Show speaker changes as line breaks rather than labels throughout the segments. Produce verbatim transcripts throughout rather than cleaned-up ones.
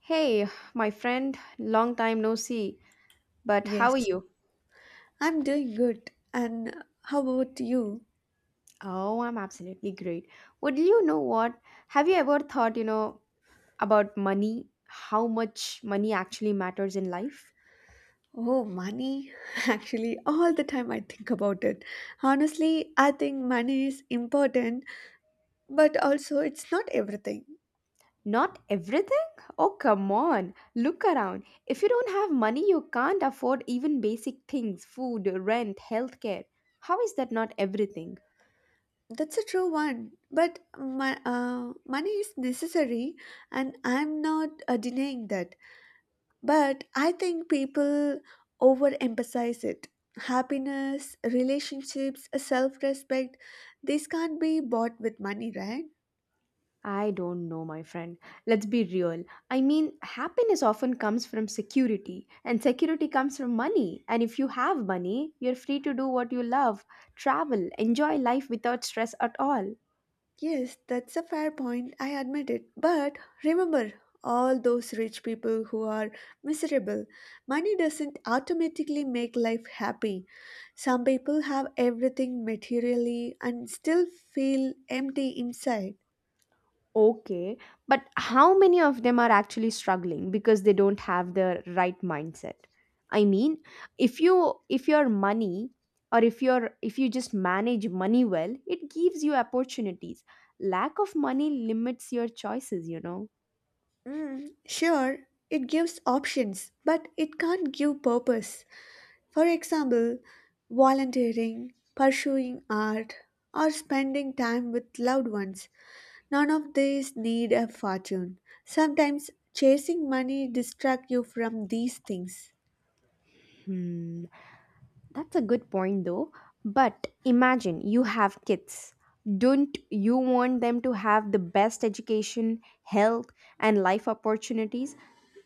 Hey, my friend, long time no see. But how are
Yes,
you?
I'm doing good. And how about you?
Oh, I'm absolutely great. Would you know what? Have you ever thought, you know, about money? How much money actually matters in life?
Oh, money. Actually, all the time I think about it. Honestly, I think money is important, but also it's not everything.
Not everything? Oh, come on. Look around. If you don't have money, you can't afford even basic things food, rent, healthcare. How is that not everything?
That's a true one. But my, uh, money is necessary, and I'm not uh, denying that. But I think people overemphasize it. Happiness, relationships, self respect, these can't be bought with money, right?
I don't know, my friend. Let's be real. I mean, happiness often comes from security, and security comes from money. And if you have money, you're free to do what you love, travel, enjoy life without stress at all.
Yes, that's a fair point, I admit it. But remember, all those rich people who are miserable. Money doesn't automatically make life happy. Some people have everything materially and still feel empty inside.
Okay, but how many of them are actually struggling because they don't have the right mindset? I mean, if you if your money or if you're if you just manage money well, it gives you opportunities. Lack of money limits your choices, you know.
Mm, sure, it gives options, but it can't give purpose. For example, volunteering, pursuing art, or spending time with loved ones. None of these need a fortune. Sometimes chasing money distracts you from these things.
Hmm, that's a good point though. But imagine you have kids. Don't you want them to have the best education, health, and life opportunities?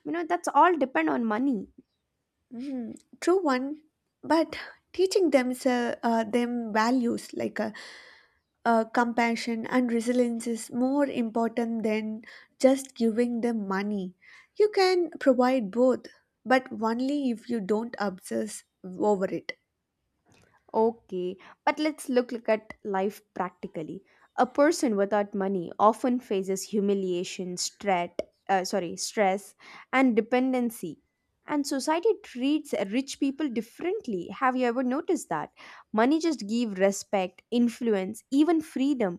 You know, that's all depend on money.
Mm, true one, but teaching them, uh, them values like uh, uh, compassion and resilience is more important than just giving them money. You can provide both, but only if you don't obsess over it.
Okay, but let's look at life practically. A person without money often faces humiliation, strat, uh, sorry, stress, and dependency. And society treats rich people differently. Have you ever noticed that? Money just give respect, influence, even freedom.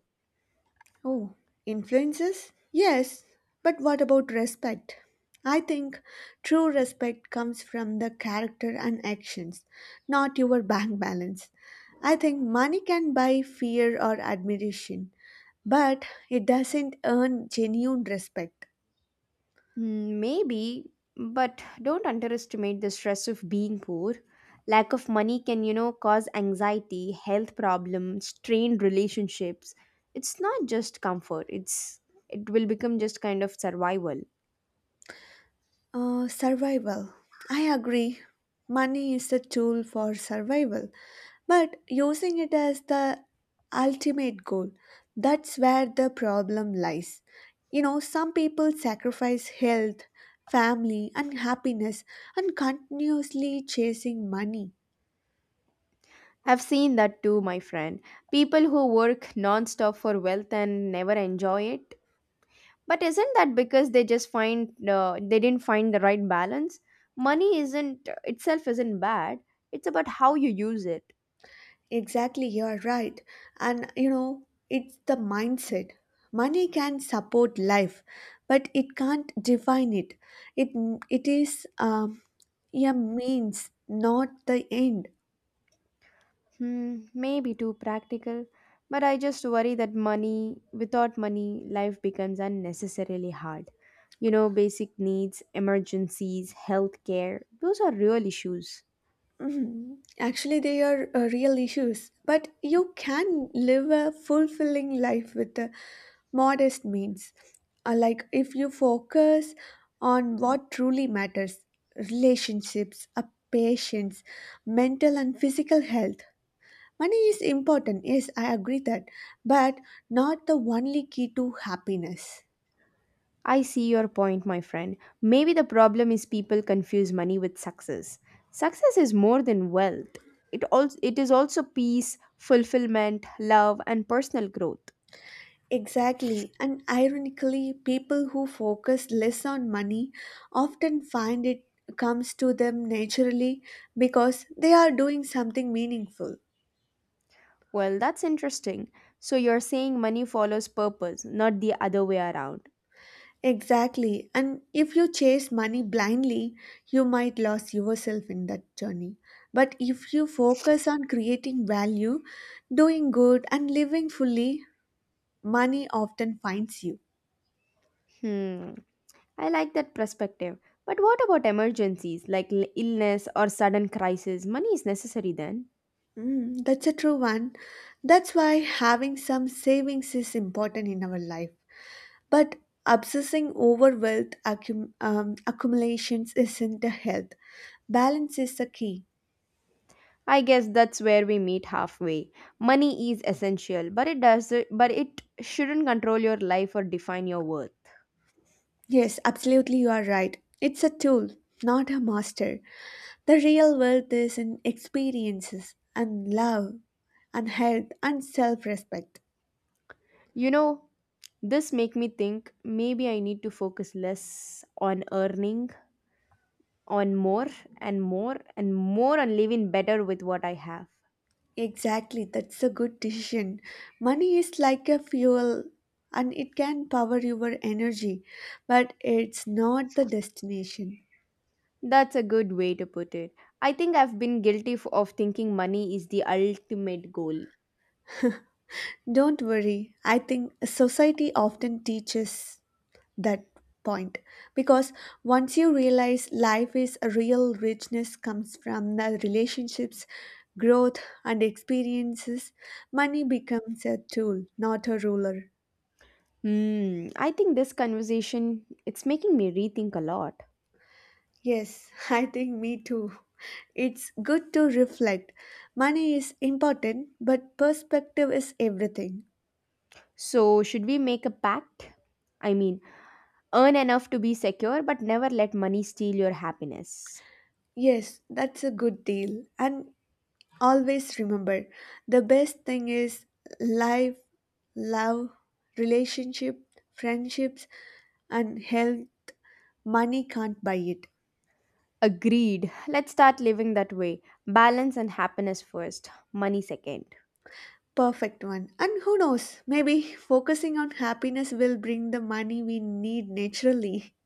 Oh, influences? Yes, but what about respect? I think true respect comes from the character and actions, not your bank balance. I think money can buy fear or admiration, but it doesn't earn genuine respect.
Mm, maybe, but don't underestimate the stress of being poor. Lack of money can, you know, cause anxiety, health problems, strained relationships. It's not just comfort, it's it will become just kind of survival.
Uh, survival. I agree. Money is a tool for survival, but using it as the ultimate goal. That's where the problem lies. You know, some people sacrifice health, family, and happiness and continuously chasing money.
I've seen that too, my friend. People who work non-stop for wealth and never enjoy it. But isn't that because they just find uh, they didn't find the right balance? Money isn't itself isn't bad. It's about how you use it.
Exactly, you're right. And you know, it's the mindset. Money can support life, but it can't define it. It it is um, a means, not the end.
Hmm, maybe too practical, but I just worry that money, without money, life becomes unnecessarily hard. You know, basic needs, emergencies, healthcare, those are real issues.
Mhm. Actually, they are uh, real issues, but you can live a fulfilling life with uh, modest means. Uh, like if you focus on what truly matters relationships, uh, patience, mental and physical health. Money is important, yes, I agree that, but not the only key to happiness.
I see your point, my friend. Maybe the problem is people confuse money with success. Success is more than wealth. It also it is also peace, fulfillment, love, and personal growth.
Exactly, and ironically, people who focus less on money often find it comes to them naturally because they are doing something meaningful.
Well, that's interesting. So you're saying money follows purpose, not the other way around.
Exactly, and if you chase money blindly, you might lose yourself in that journey. But if you focus on creating value, doing good, and living fully, money often finds you.
Hmm, I like that perspective. But what about emergencies like l- illness or sudden crisis? Money is necessary then.
Mm, that's a true one. That's why having some savings is important in our life. But obsessing over wealth accum- um, accumulations isn't the health. Balance is the key.
I guess that's where we meet halfway. Money is essential, but it does but it shouldn't control your life or define your worth.
Yes, absolutely, you are right. It's a tool, not a master. The real wealth is in experiences and love and health and self respect.
You know, this make me think maybe I need to focus less on earning on more and more and more on living better with what I have.
Exactly, that's a good decision. Money is like a fuel and it can power your energy, but it's not the destination.
That's a good way to put it. I think I've been guilty f- of thinking money is the ultimate goal.
Don't worry. I think society often teaches that point because once you realize life is a real richness comes from the relationships, growth, and experiences, money becomes a tool, not a ruler.
Hmm, I think this conversation it's making me rethink a lot.
Yes, I think me too. It's good to reflect. Money is important, but perspective is everything.
So, should we make a pact? I mean, earn enough to be secure but never let money steal your happiness.
Yes, that's a good deal. And always remember the best thing is life, love, relationship, friendships, and health. Money can't buy it.
Agreed. Let's start living that way. Balance and happiness first, money second.
Perfect one. And who knows, maybe focusing on happiness will bring the money we need naturally.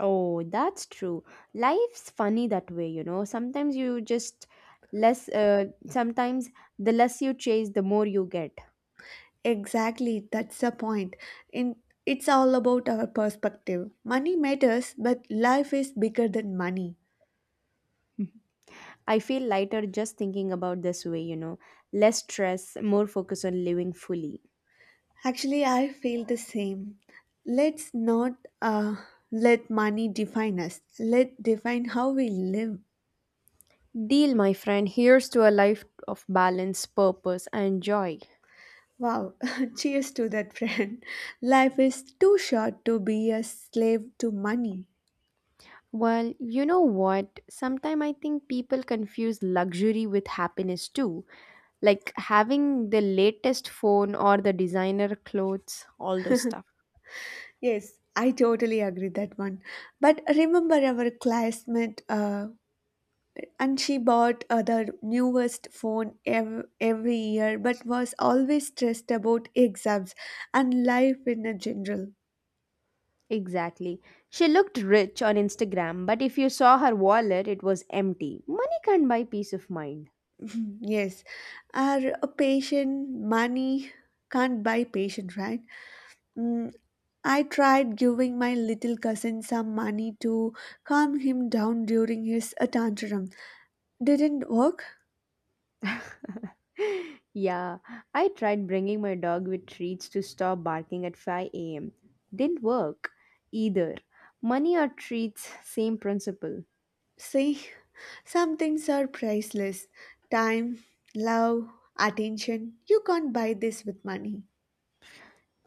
Oh, that's true. Life's funny that way, you know. Sometimes you just less, uh, sometimes the less you chase, the more you get.
Exactly, that's the point. In it's all about our perspective. Money matters, but life is bigger than money.
I feel lighter just thinking about this way, you know. Less stress, more focus on living fully.
Actually, I feel the same. Let's not uh, let money define us. Let define how we live.
Deal, my friend. Here's to a life of balance, purpose, and joy.
Wow, cheers to that friend. Life is too short to be a slave to money.
Well, you know what? Sometimes I think people confuse luxury with happiness too. Like having the latest phone or the designer clothes, all this stuff.
Yes, I totally agree that one. But remember our classmate uh, and she bought uh, the newest phone ev- every year but was always stressed about exams and life in a general.
Exactly. She looked rich on Instagram, but if you saw her wallet, it was empty. Money can't buy peace of mind.
Mm, yes, are a patient money can't buy patient, right? Mm, I tried giving my little cousin some money to calm him down during his uh, tantrum. Didn't work.
Yeah, I tried bringing my dog with treats to stop barking at five a m. Didn't work either. Money or treats, same principle.
See, some things are priceless. Time, love, attention. You can't buy this with money.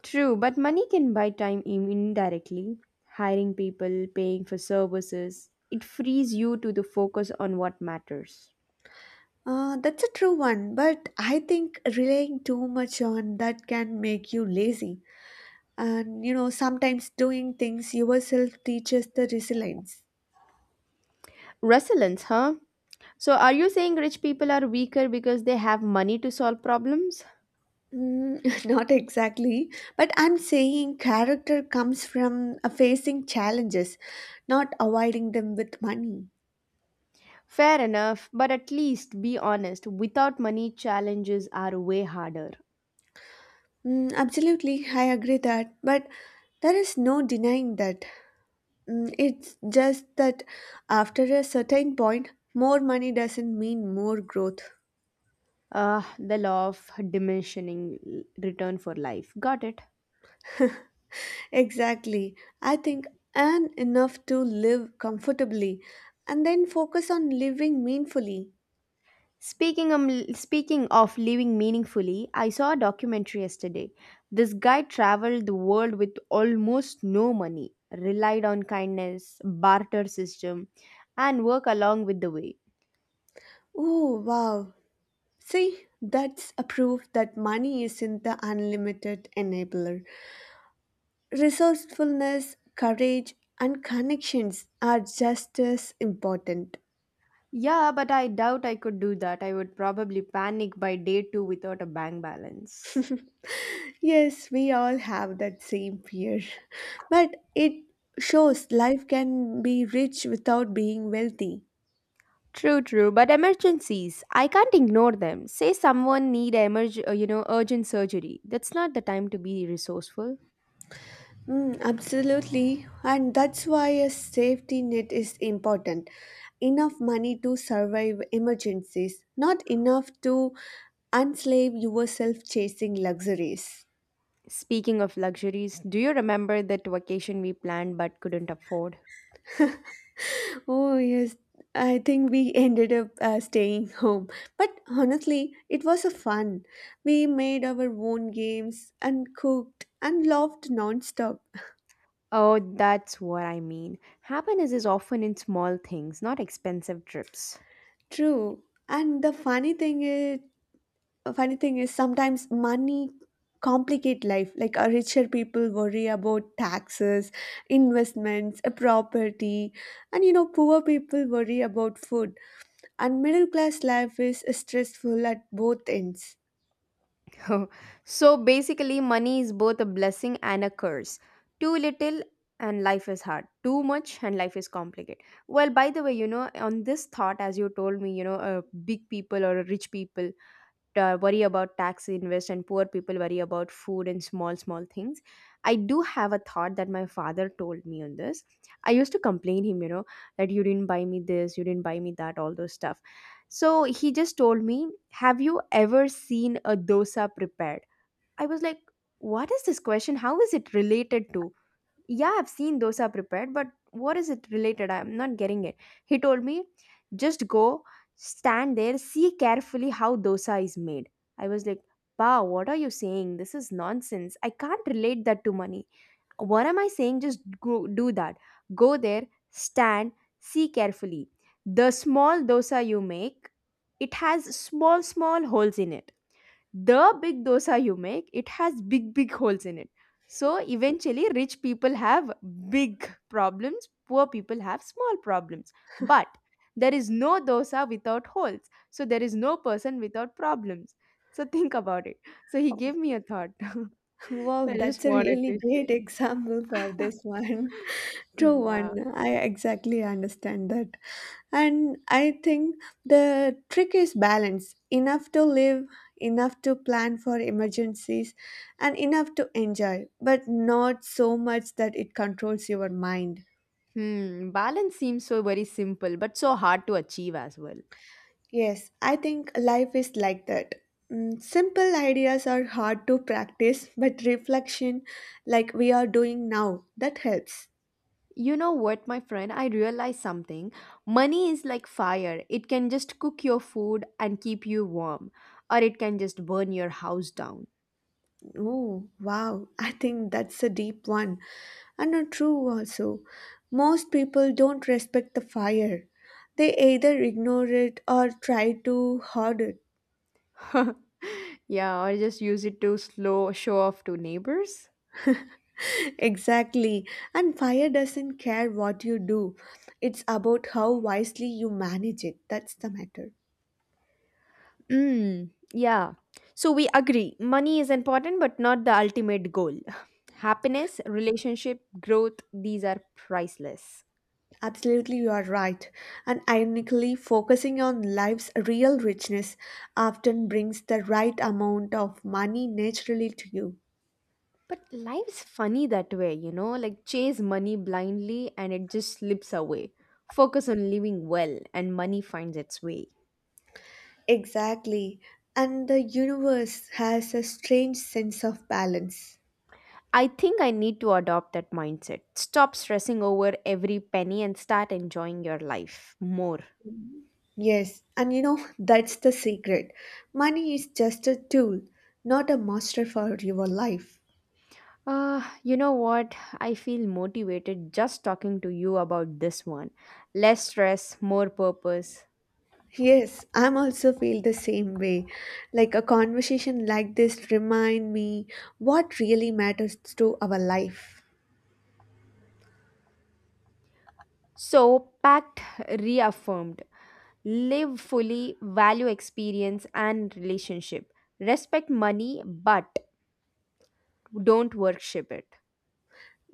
True, but money can buy time in- indirectly. Hiring people, paying for services, it frees you to the focus on what matters.
Uh, that's a true one, but I think relying too much on that can make you lazy. And you know, sometimes doing things yourself teaches the resilience.
Resilience, huh? So are you saying rich people are weaker because they have money to solve problems?
Mm, not exactly, but I'm saying character comes from uh, facing challenges, not avoiding them with money.
Fair enough, but at least be honest, without money, challenges are way harder.
Mm, absolutely, I agree that, but there is no denying that. Mm, it's just that after a certain point more money doesn't mean more growth.
Ah, the law of diminishing l- return for life. Got it.
Exactly. I think and enough to live comfortably and then focus on living meaningfully.
Speaking of, speaking of living meaningfully, I saw a documentary yesterday. This guy traveled the world with almost no money, relied on kindness, barter system, and work along with the way.
Oh, wow. See, that's a proof that money isn't the unlimited enabler. Resourcefulness, courage, and connections are just as important.
Yeah, but I doubt I could do that. I would probably panic by day two without a bank balance.
Yes, we all have that same fear. But it shows life can be rich without being wealthy.
True, true, but emergencies, I can't ignore them. Say someone need emerg- uh, you know, urgent surgery. That's not the time to be resourceful.
Mm, absolutely. And that's why a safety net is important. Enough money to survive emergencies, not enough to enslave yourself chasing luxuries.
Speaking of luxuries, do you remember that vacation we planned but couldn't afford?
Oh, yes. I think we ended up uh, staying home. But honestly, it was a fun. We made our own games and cooked and laughed nonstop.
Oh, that's what I mean. Happiness is often in small things, not expensive trips.
True. And the funny thing is, a funny thing is sometimes money complicate life, like uh, richer people worry about taxes, investments, uh, property, and you know, poor people worry about food, and middle class life is uh, stressful at both ends.
So basically, money is both a blessing and a curse. Too little and life is hard. Too much and life is complicated. Well, by the way, you know, on this thought, as you told me, you know, uh, big people or rich people, uh, worry about tax invest and poor people worry about food and small small things. I do have a thought that my father told me on this. I used to complain him, you know, that you didn't buy me this, you didn't buy me that, all those stuff. So he just told me, have you ever seen a dosa prepared? I was like, what is this question, how is it related to? Yeah, I've seen dosa prepared, but what is it related? I'm not getting it. He told me, just go, stand there, see carefully how dosa is made. I was like, wow, what are you saying? This is nonsense. I can't relate that to money. What am I saying? Just go, do that. Go there, stand, see carefully. The small dosa you make, it has small, small holes in it. The big dosa you make, it has big big holes in it. So eventually rich people have big problems, poor people have small problems. But there is no dosa without holes, so there is no person without problems. So think about it. So he gave me a thought.
Wow,
I just
that's a
wanted
really
to share.
great example for this one. True one.
Yeah.
I exactly understand that. And I think the trick is balance enough to live, enough to plan for emergencies, and enough to enjoy, but not so much that it controls your mind.
Hmm, balance seems so very simple but so hard to achieve as well.
Yes, I think life is like that. Mm, simple ideas are hard to practice, but reflection, like we are doing now, that helps.
You know what, my friend? I realized something. Money is like fire. It can just cook your food and keep you warm, or it can just burn your house down.
Oh, wow. I think that's a deep one. And not true also. Most people don't respect the fire. They either ignore it or try to hoard it.
Yeah, or just use it to slow show off to neighbors.
Exactly. And fire doesn't care what you do. It's about how wisely you manage it. That's the matter.
Mm, yeah. So we agree. Money is important, but not the ultimate goal. Happiness, relationship, growth, these are priceless.
Absolutely, you are right. And ironically, focusing on life's real richness often brings the right amount of money naturally to you.
But life's funny that way, you know, like chase money blindly and it just slips away. Focus on living well and money finds its way.
Exactly. And the universe has a strange sense of balance.
I think I need to adopt that mindset. Stop stressing over every penny and start enjoying your life more.
Yes, and you know, that's the secret. Money is just a tool, not a master for your life.
Uh, you know what? I feel motivated just talking to you about this one. Less stress, more purpose.
Yes, I'm also feel the same way. Like a conversation like this remind me what really matters to our life.
So, pact reaffirmed. Live fully, value experience and relationship. Respect money, but don't worship it.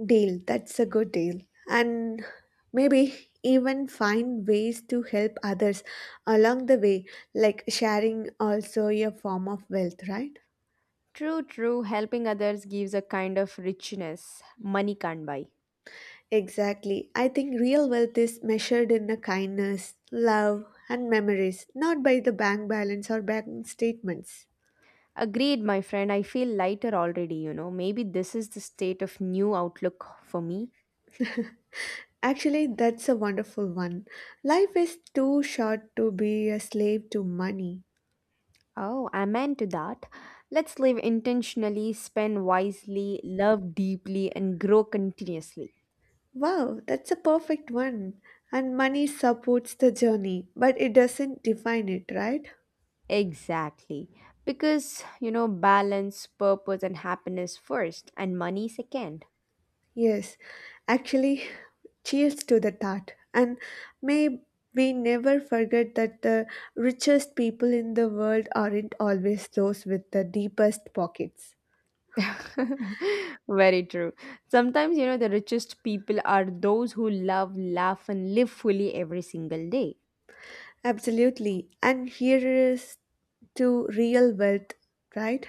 Deal, that's a good deal. And maybe even find ways to help others along the way, like sharing also a form of wealth, right?
True, true. Helping others gives a kind of richness money can't buy.
Exactly. I think real wealth is measured in the kindness, love, and memories, not by the bank balance or bank statements.
Agreed, my friend. I feel lighter already, you know. Maybe this is the state of new outlook for me.
Actually, that's a wonderful one. Life is too short to be a slave to money.
Oh, amen to that. Let's live intentionally, spend wisely, love deeply, and grow continuously.
Wow, that's a perfect one. And money supports the journey, but it doesn't define it, right?
Exactly. Because, you know, balance, purpose, and happiness first, and money second.
Yes, actually, cheers to the thought. And may we never forget that the richest people in the world aren't always those with the deepest pockets.
Very true. Sometimes, you know, the richest people are those who love, laugh, and live fully every single day.
Absolutely. And here is to real wealth, right?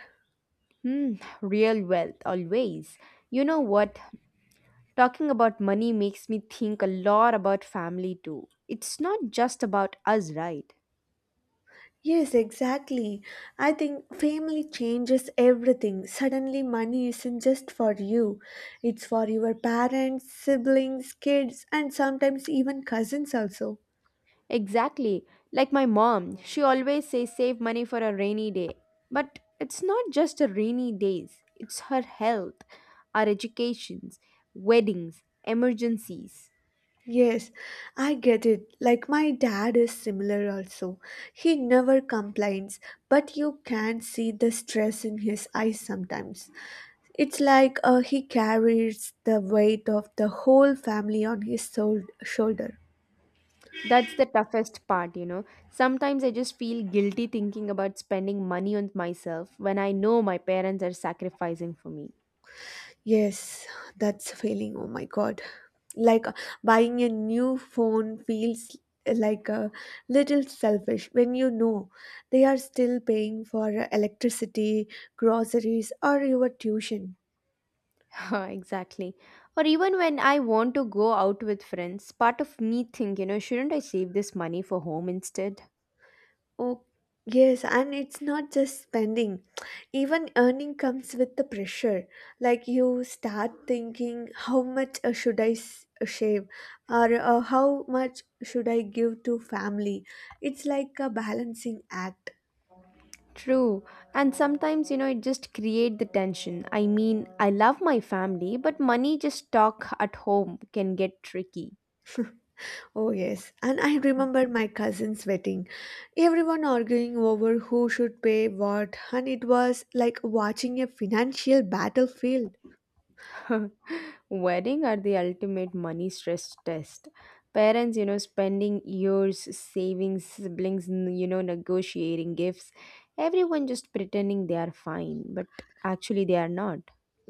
Hmm, real wealth, always. You know what? Talking about money makes me think a lot about family too. It's not just about us, right?
Yes, exactly. I think family changes everything. Suddenly, money isn't just for you, it's for your parents, siblings, kids, and sometimes even cousins also.
Exactly. Like my mom, she always says save money for a rainy day. But it's not just a rainy days, it's her health, our educations, weddings, emergencies.
Yes, I get it. Like my dad is similar also. He never complains, but you can see the stress in his eyes sometimes. It's like uh, he carries the weight of the whole family on his sol- shoulder.
That's the toughest part, you know. Sometimes I just feel guilty thinking about spending money on myself when I know my parents are sacrificing for me.
Yes, that's a feeling. Oh my God. Like uh, buying a new phone feels like a little selfish when you know they are still paying for uh, electricity, groceries, or your tuition.
Exactly. Or even when I want to go out with friends, part of me think, you know, shouldn't I save this money for home instead?
Oh, yes, and it's not just spending. Even earning comes with the pressure. Like you start thinking, how much uh, should I s- uh, shave, or uh, how much should I give to family? It's like a balancing act.
True. And sometimes, you know, it just create the tension. I mean, I love my family, but money just talk at home can get tricky.
Oh, yes, and I remember my cousin's wedding. Everyone arguing over who should pay what, and it was like watching a financial battlefield.
Wedding are the ultimate money stress test. Parents, you know, spending years saving siblings, n- you know, negotiating gifts. Everyone just pretending they are fine, but actually they are not.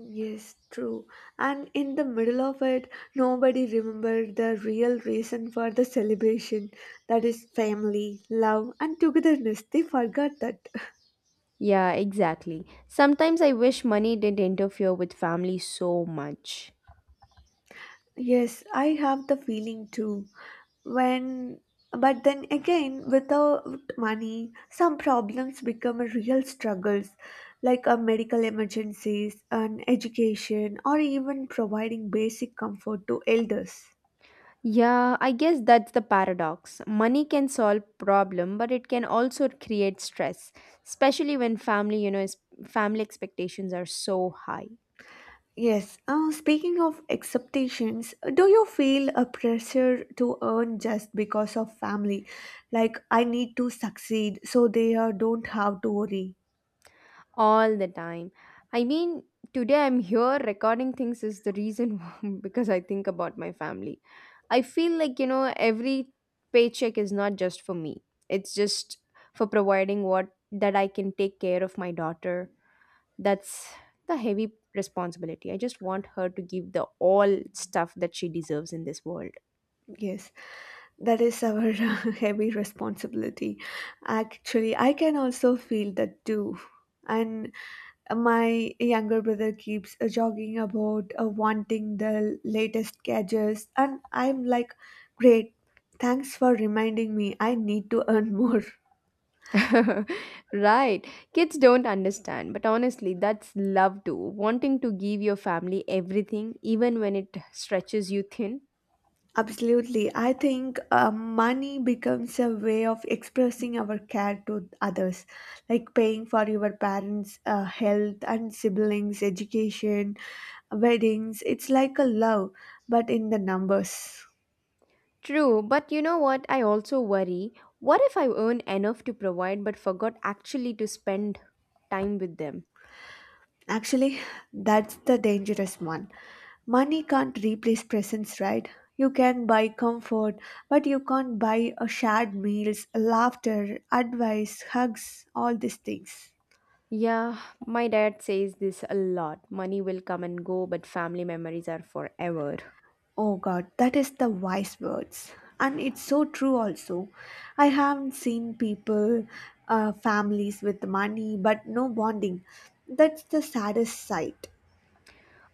Yes, true. And in the middle of it, nobody remembered the real reason for the celebration. That is family, love, and togetherness. They forgot that.
Yeah, exactly. Sometimes I wish money didn't interfere with family so much.
Yes, I have the feeling too. When, but then again, without money, some problems become a real struggles, like a medical emergencies, an education, or even providing basic comfort to elders.
Yeah, I guess that's the paradox. Money can solve problem, but it can also create stress, especially when family, you know, is, family expectations are so high
Yes, uh, speaking of expectations, do you feel a pressure to earn just because of family? Like, I need to succeed so they uh, don't have to worry.
all the time. I mean, today I'm here recording things is the reason because I think about my family. I feel like, you know, every paycheck is not just for me. It's just for providing what that I can take care of my daughter. That's the heavy responsibility. I just want her to give the all stuff that she deserves in this world.
Yes, that is our heavy responsibility. Actually, I can also feel that too. And my younger brother keeps uh, jogging about uh, wanting the latest gadgets, and I'm like, great, thanks for reminding me, I need to earn more.
Right. Kids don't understand, but honestly, that's love too. Wanting to give your family everything, even when it stretches you thin.
Absolutely. I think uh, money becomes a way of expressing our care to others, like paying for your parents' uh, health and siblings' education, weddings. It's like a love, but in the numbers.
True, but you know what? I also worry. What if I earn enough to provide but forgot actually to spend time with them?
Actually, that's the dangerous one. Money can't replace presence, right? You can buy comfort, but you can't buy a shared meals, laughter, advice, hugs, all these things.
Yeah, my dad says this a lot. Money will come and go, but family memories are forever.
Oh God, that is the wise words. And it's so true also. I have seen people, uh, families with money but no bonding. That's the saddest sight.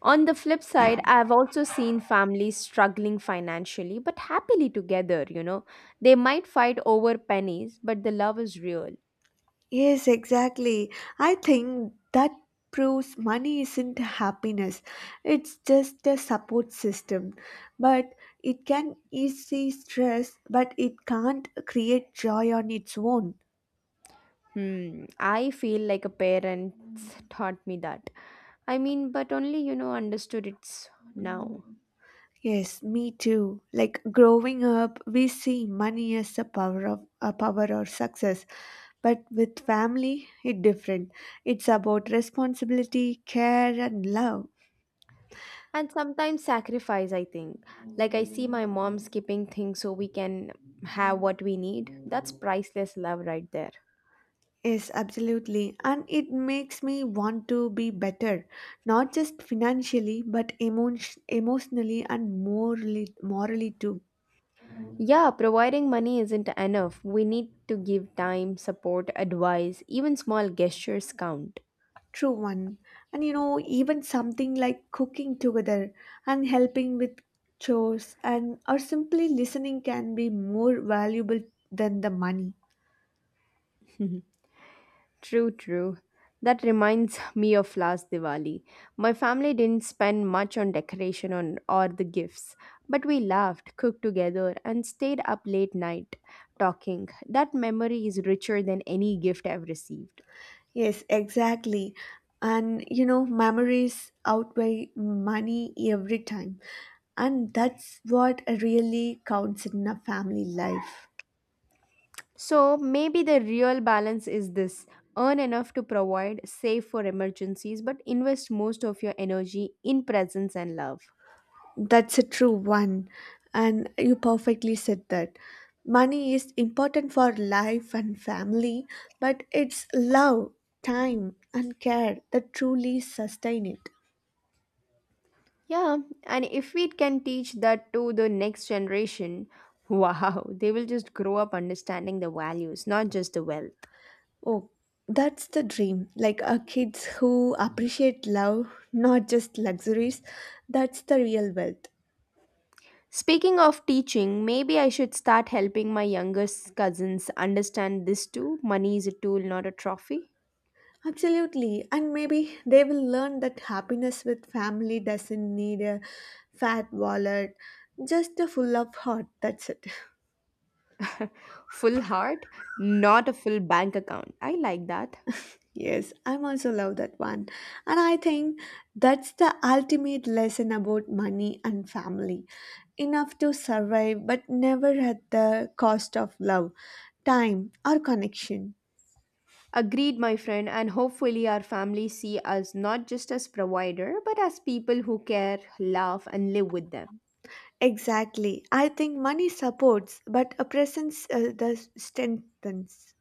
On the flip side, I've also seen families struggling financially but happily together, you know. They might fight over pennies, but the love is real.
Yes, exactly. I think that proves money isn't happiness. It's just a support system. But it can ease stress, but it can't create joy on its own.
Hmm, I feel like a parent taught me that. I mean, but only, you know, understood it's now.
Yes, me too. Like growing up, we see money as a power of a power or success. But with family, it's different. It's about responsibility, care and love.
And sometimes sacrifice, I think. Like, I see my mom skipping things so we can have what we need. That's priceless love right there.
Yes, absolutely. And it makes me want to be better, not just financially, but emotion, emotionally and morally morally too.
Yeah, providing money isn't enough. We need to give time, support, advice, even small gestures count.
True one. And you know, even something like cooking together and helping with chores and or simply listening can be more valuable than the money.
True, true. That reminds me of last Diwali. My family didn't spend much on decoration on, or the gifts, but we laughed, cooked together, and stayed up late night talking. That memory is richer than any gift I've received.
Yes, exactly. And you know, memories outweigh money every time. And that's what really counts in a family life.
So maybe the real balance is this: earn enough to provide, save for emergencies, but invest most of your energy in presence and love.
That's a true one, and you perfectly said that. Money is important for life and family, but it's love, time, and care that truly sustain it.
Yeah, and if we can teach that to the next generation, wow, they will just grow up understanding the values, not just the wealth.
Oh, that's the dream. Like uh, kids who appreciate love, not just luxuries, that's the real wealth.
Speaking of teaching, maybe I should start helping my youngest cousins understand this too. Money is a tool, not a trophy.
Absolutely, and maybe they will learn that happiness with family doesn't need a fat wallet, just a full of heart. That's it.
Full heart, not a full bank account. I like that.
Yes, I'm also love that one. And I think that's the ultimate lesson about money and family. Enough to survive, but never at the cost of love, time, or connection.
Agreed, my friend, and hopefully our families see us not just as provider, but as people who care, love, and live with them.
Exactly. I think money supports, but a presence uh, the strengthens.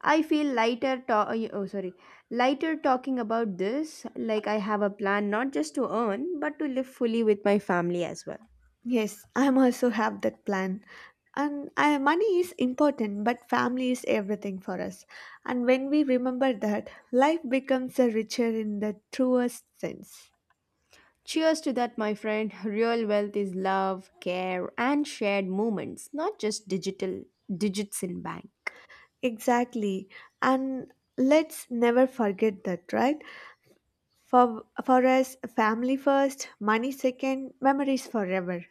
I feel lighter. To- oh, oh, sorry, lighter talking about this. Like I have a plan not just to earn, but to live fully with my family as well.
Yes, I'm also have that plan. And uh, money is important, but family is everything for us. And when we remember that, life becomes a richer in the truest sense.
Cheers to that, my friend. Real wealth is love, care, and shared moments, not just digital digits in bank.
Exactly. And let's never forget that, right? For for us, family first, money second, memories forever.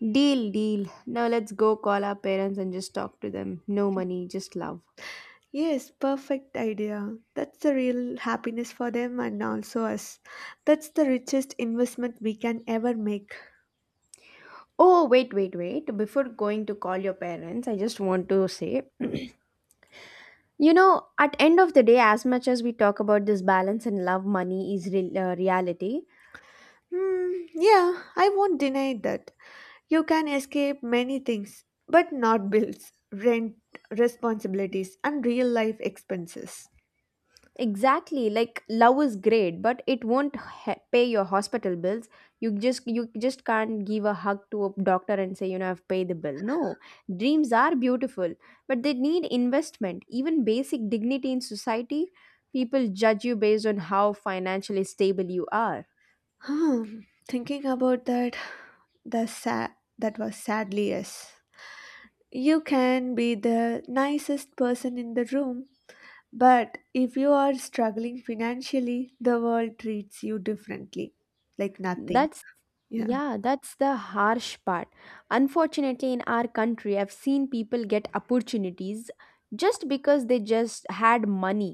Deal, deal. Now let's go call our parents and just talk to them. No money, just love.
Yes, perfect idea. That's the real happiness for them and also us. That's the richest investment we can ever make.
Oh, wait, wait, wait. Before going to call your parents, I just want to say, you know, at end of the day, as much as we talk about this balance and love, money is real uh, reality,
Hmm, yeah, I won't deny that. You can escape many things, but not bills, rent, responsibilities, and real life expenses.
exactly. Like love is great, but it won't he- pay your hospital bills. You just you just can't give a hug to a doctor and say, you know, I've paid the bill. No, dreams are beautiful, but they need investment. Even basic dignity in society, people judge you based on how financially stable you are.
Hmm, thinking about that, the sa- that was sadly yes. You can be the nicest person in the room, but if you are struggling financially, the world treats you differently, like nothing.
That's...
Yeah.
yeah, that's the harsh part. Unfortunately, in our country, I've seen people get opportunities just because they just had money,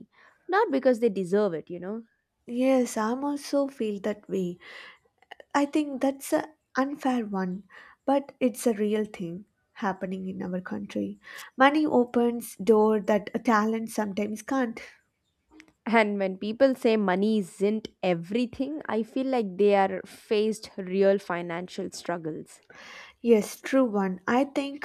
not because they deserve it, you know.
Yes, I'm also feel that way. I think that's a unfair one, but it's a real thing happening in our country. Money opens door that a talent sometimes can't.
And when people say money isn't everything, I feel like they are faced real financial struggles.
Yes, true one. I think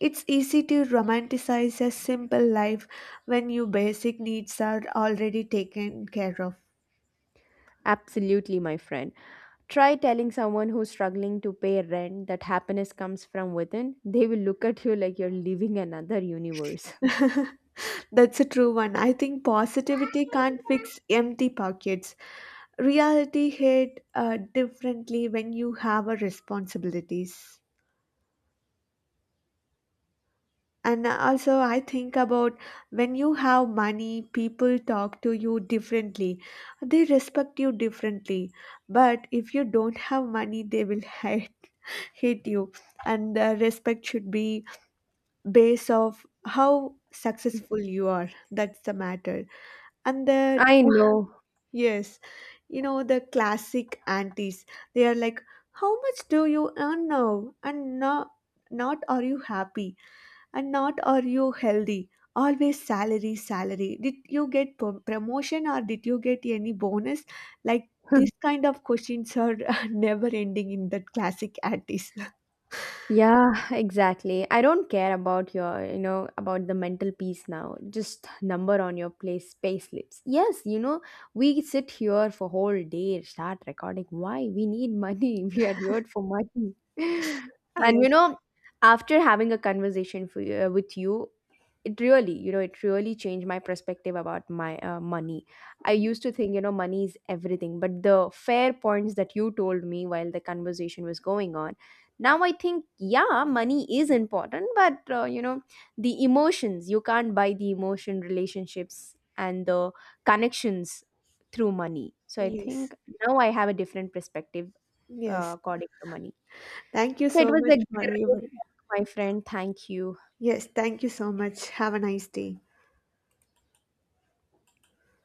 it's easy to romanticize a simple life when your basic needs are already taken care of.
Absolutely, my friend. Try telling someone who's struggling to pay rent that happiness comes from within. They will look at you like you're living another universe.
That's a true one. I think positivity can't fix empty pockets. Reality hit uh, differently when you have a responsibilities. And also, I think about when you have money, people talk to you differently. They respect you differently. But if you don't have money, they will hate, hate you. And the respect should be based of how successful you are. That's the matter. And that,
I know.
yes, you know, the classic aunties, they are like, how much do you earn now? And no, not are you happy? And not are you healthy? Always salary salary did you get pro- promotion or did you get any bonus? Like this kind of questions are never ending in that classic attis.
Yeah, exactly. I don't care about your, you know, about the mental peace now. Just number on your place, space payslips. Yes, you know, we sit here for whole day, start recording. Why? We need money. We are here for money. And
Yes.
you know, after having a conversation for, uh, with you, it really, you know, it really changed my perspective about my uh, money. I used to think, you know, money is everything, but the fair points that you told me while the conversation was going on, now I think, yeah, money is important, but uh, you know, the emotions, you can't buy the emotion, relationships and the connections through money. So I
yes
think now I have a different perspective
yes
uh, according to money.
thank you
So it
so
was
much
a
for your
great, my friend, thank you.
yes. Thank you so much. Have a nice day.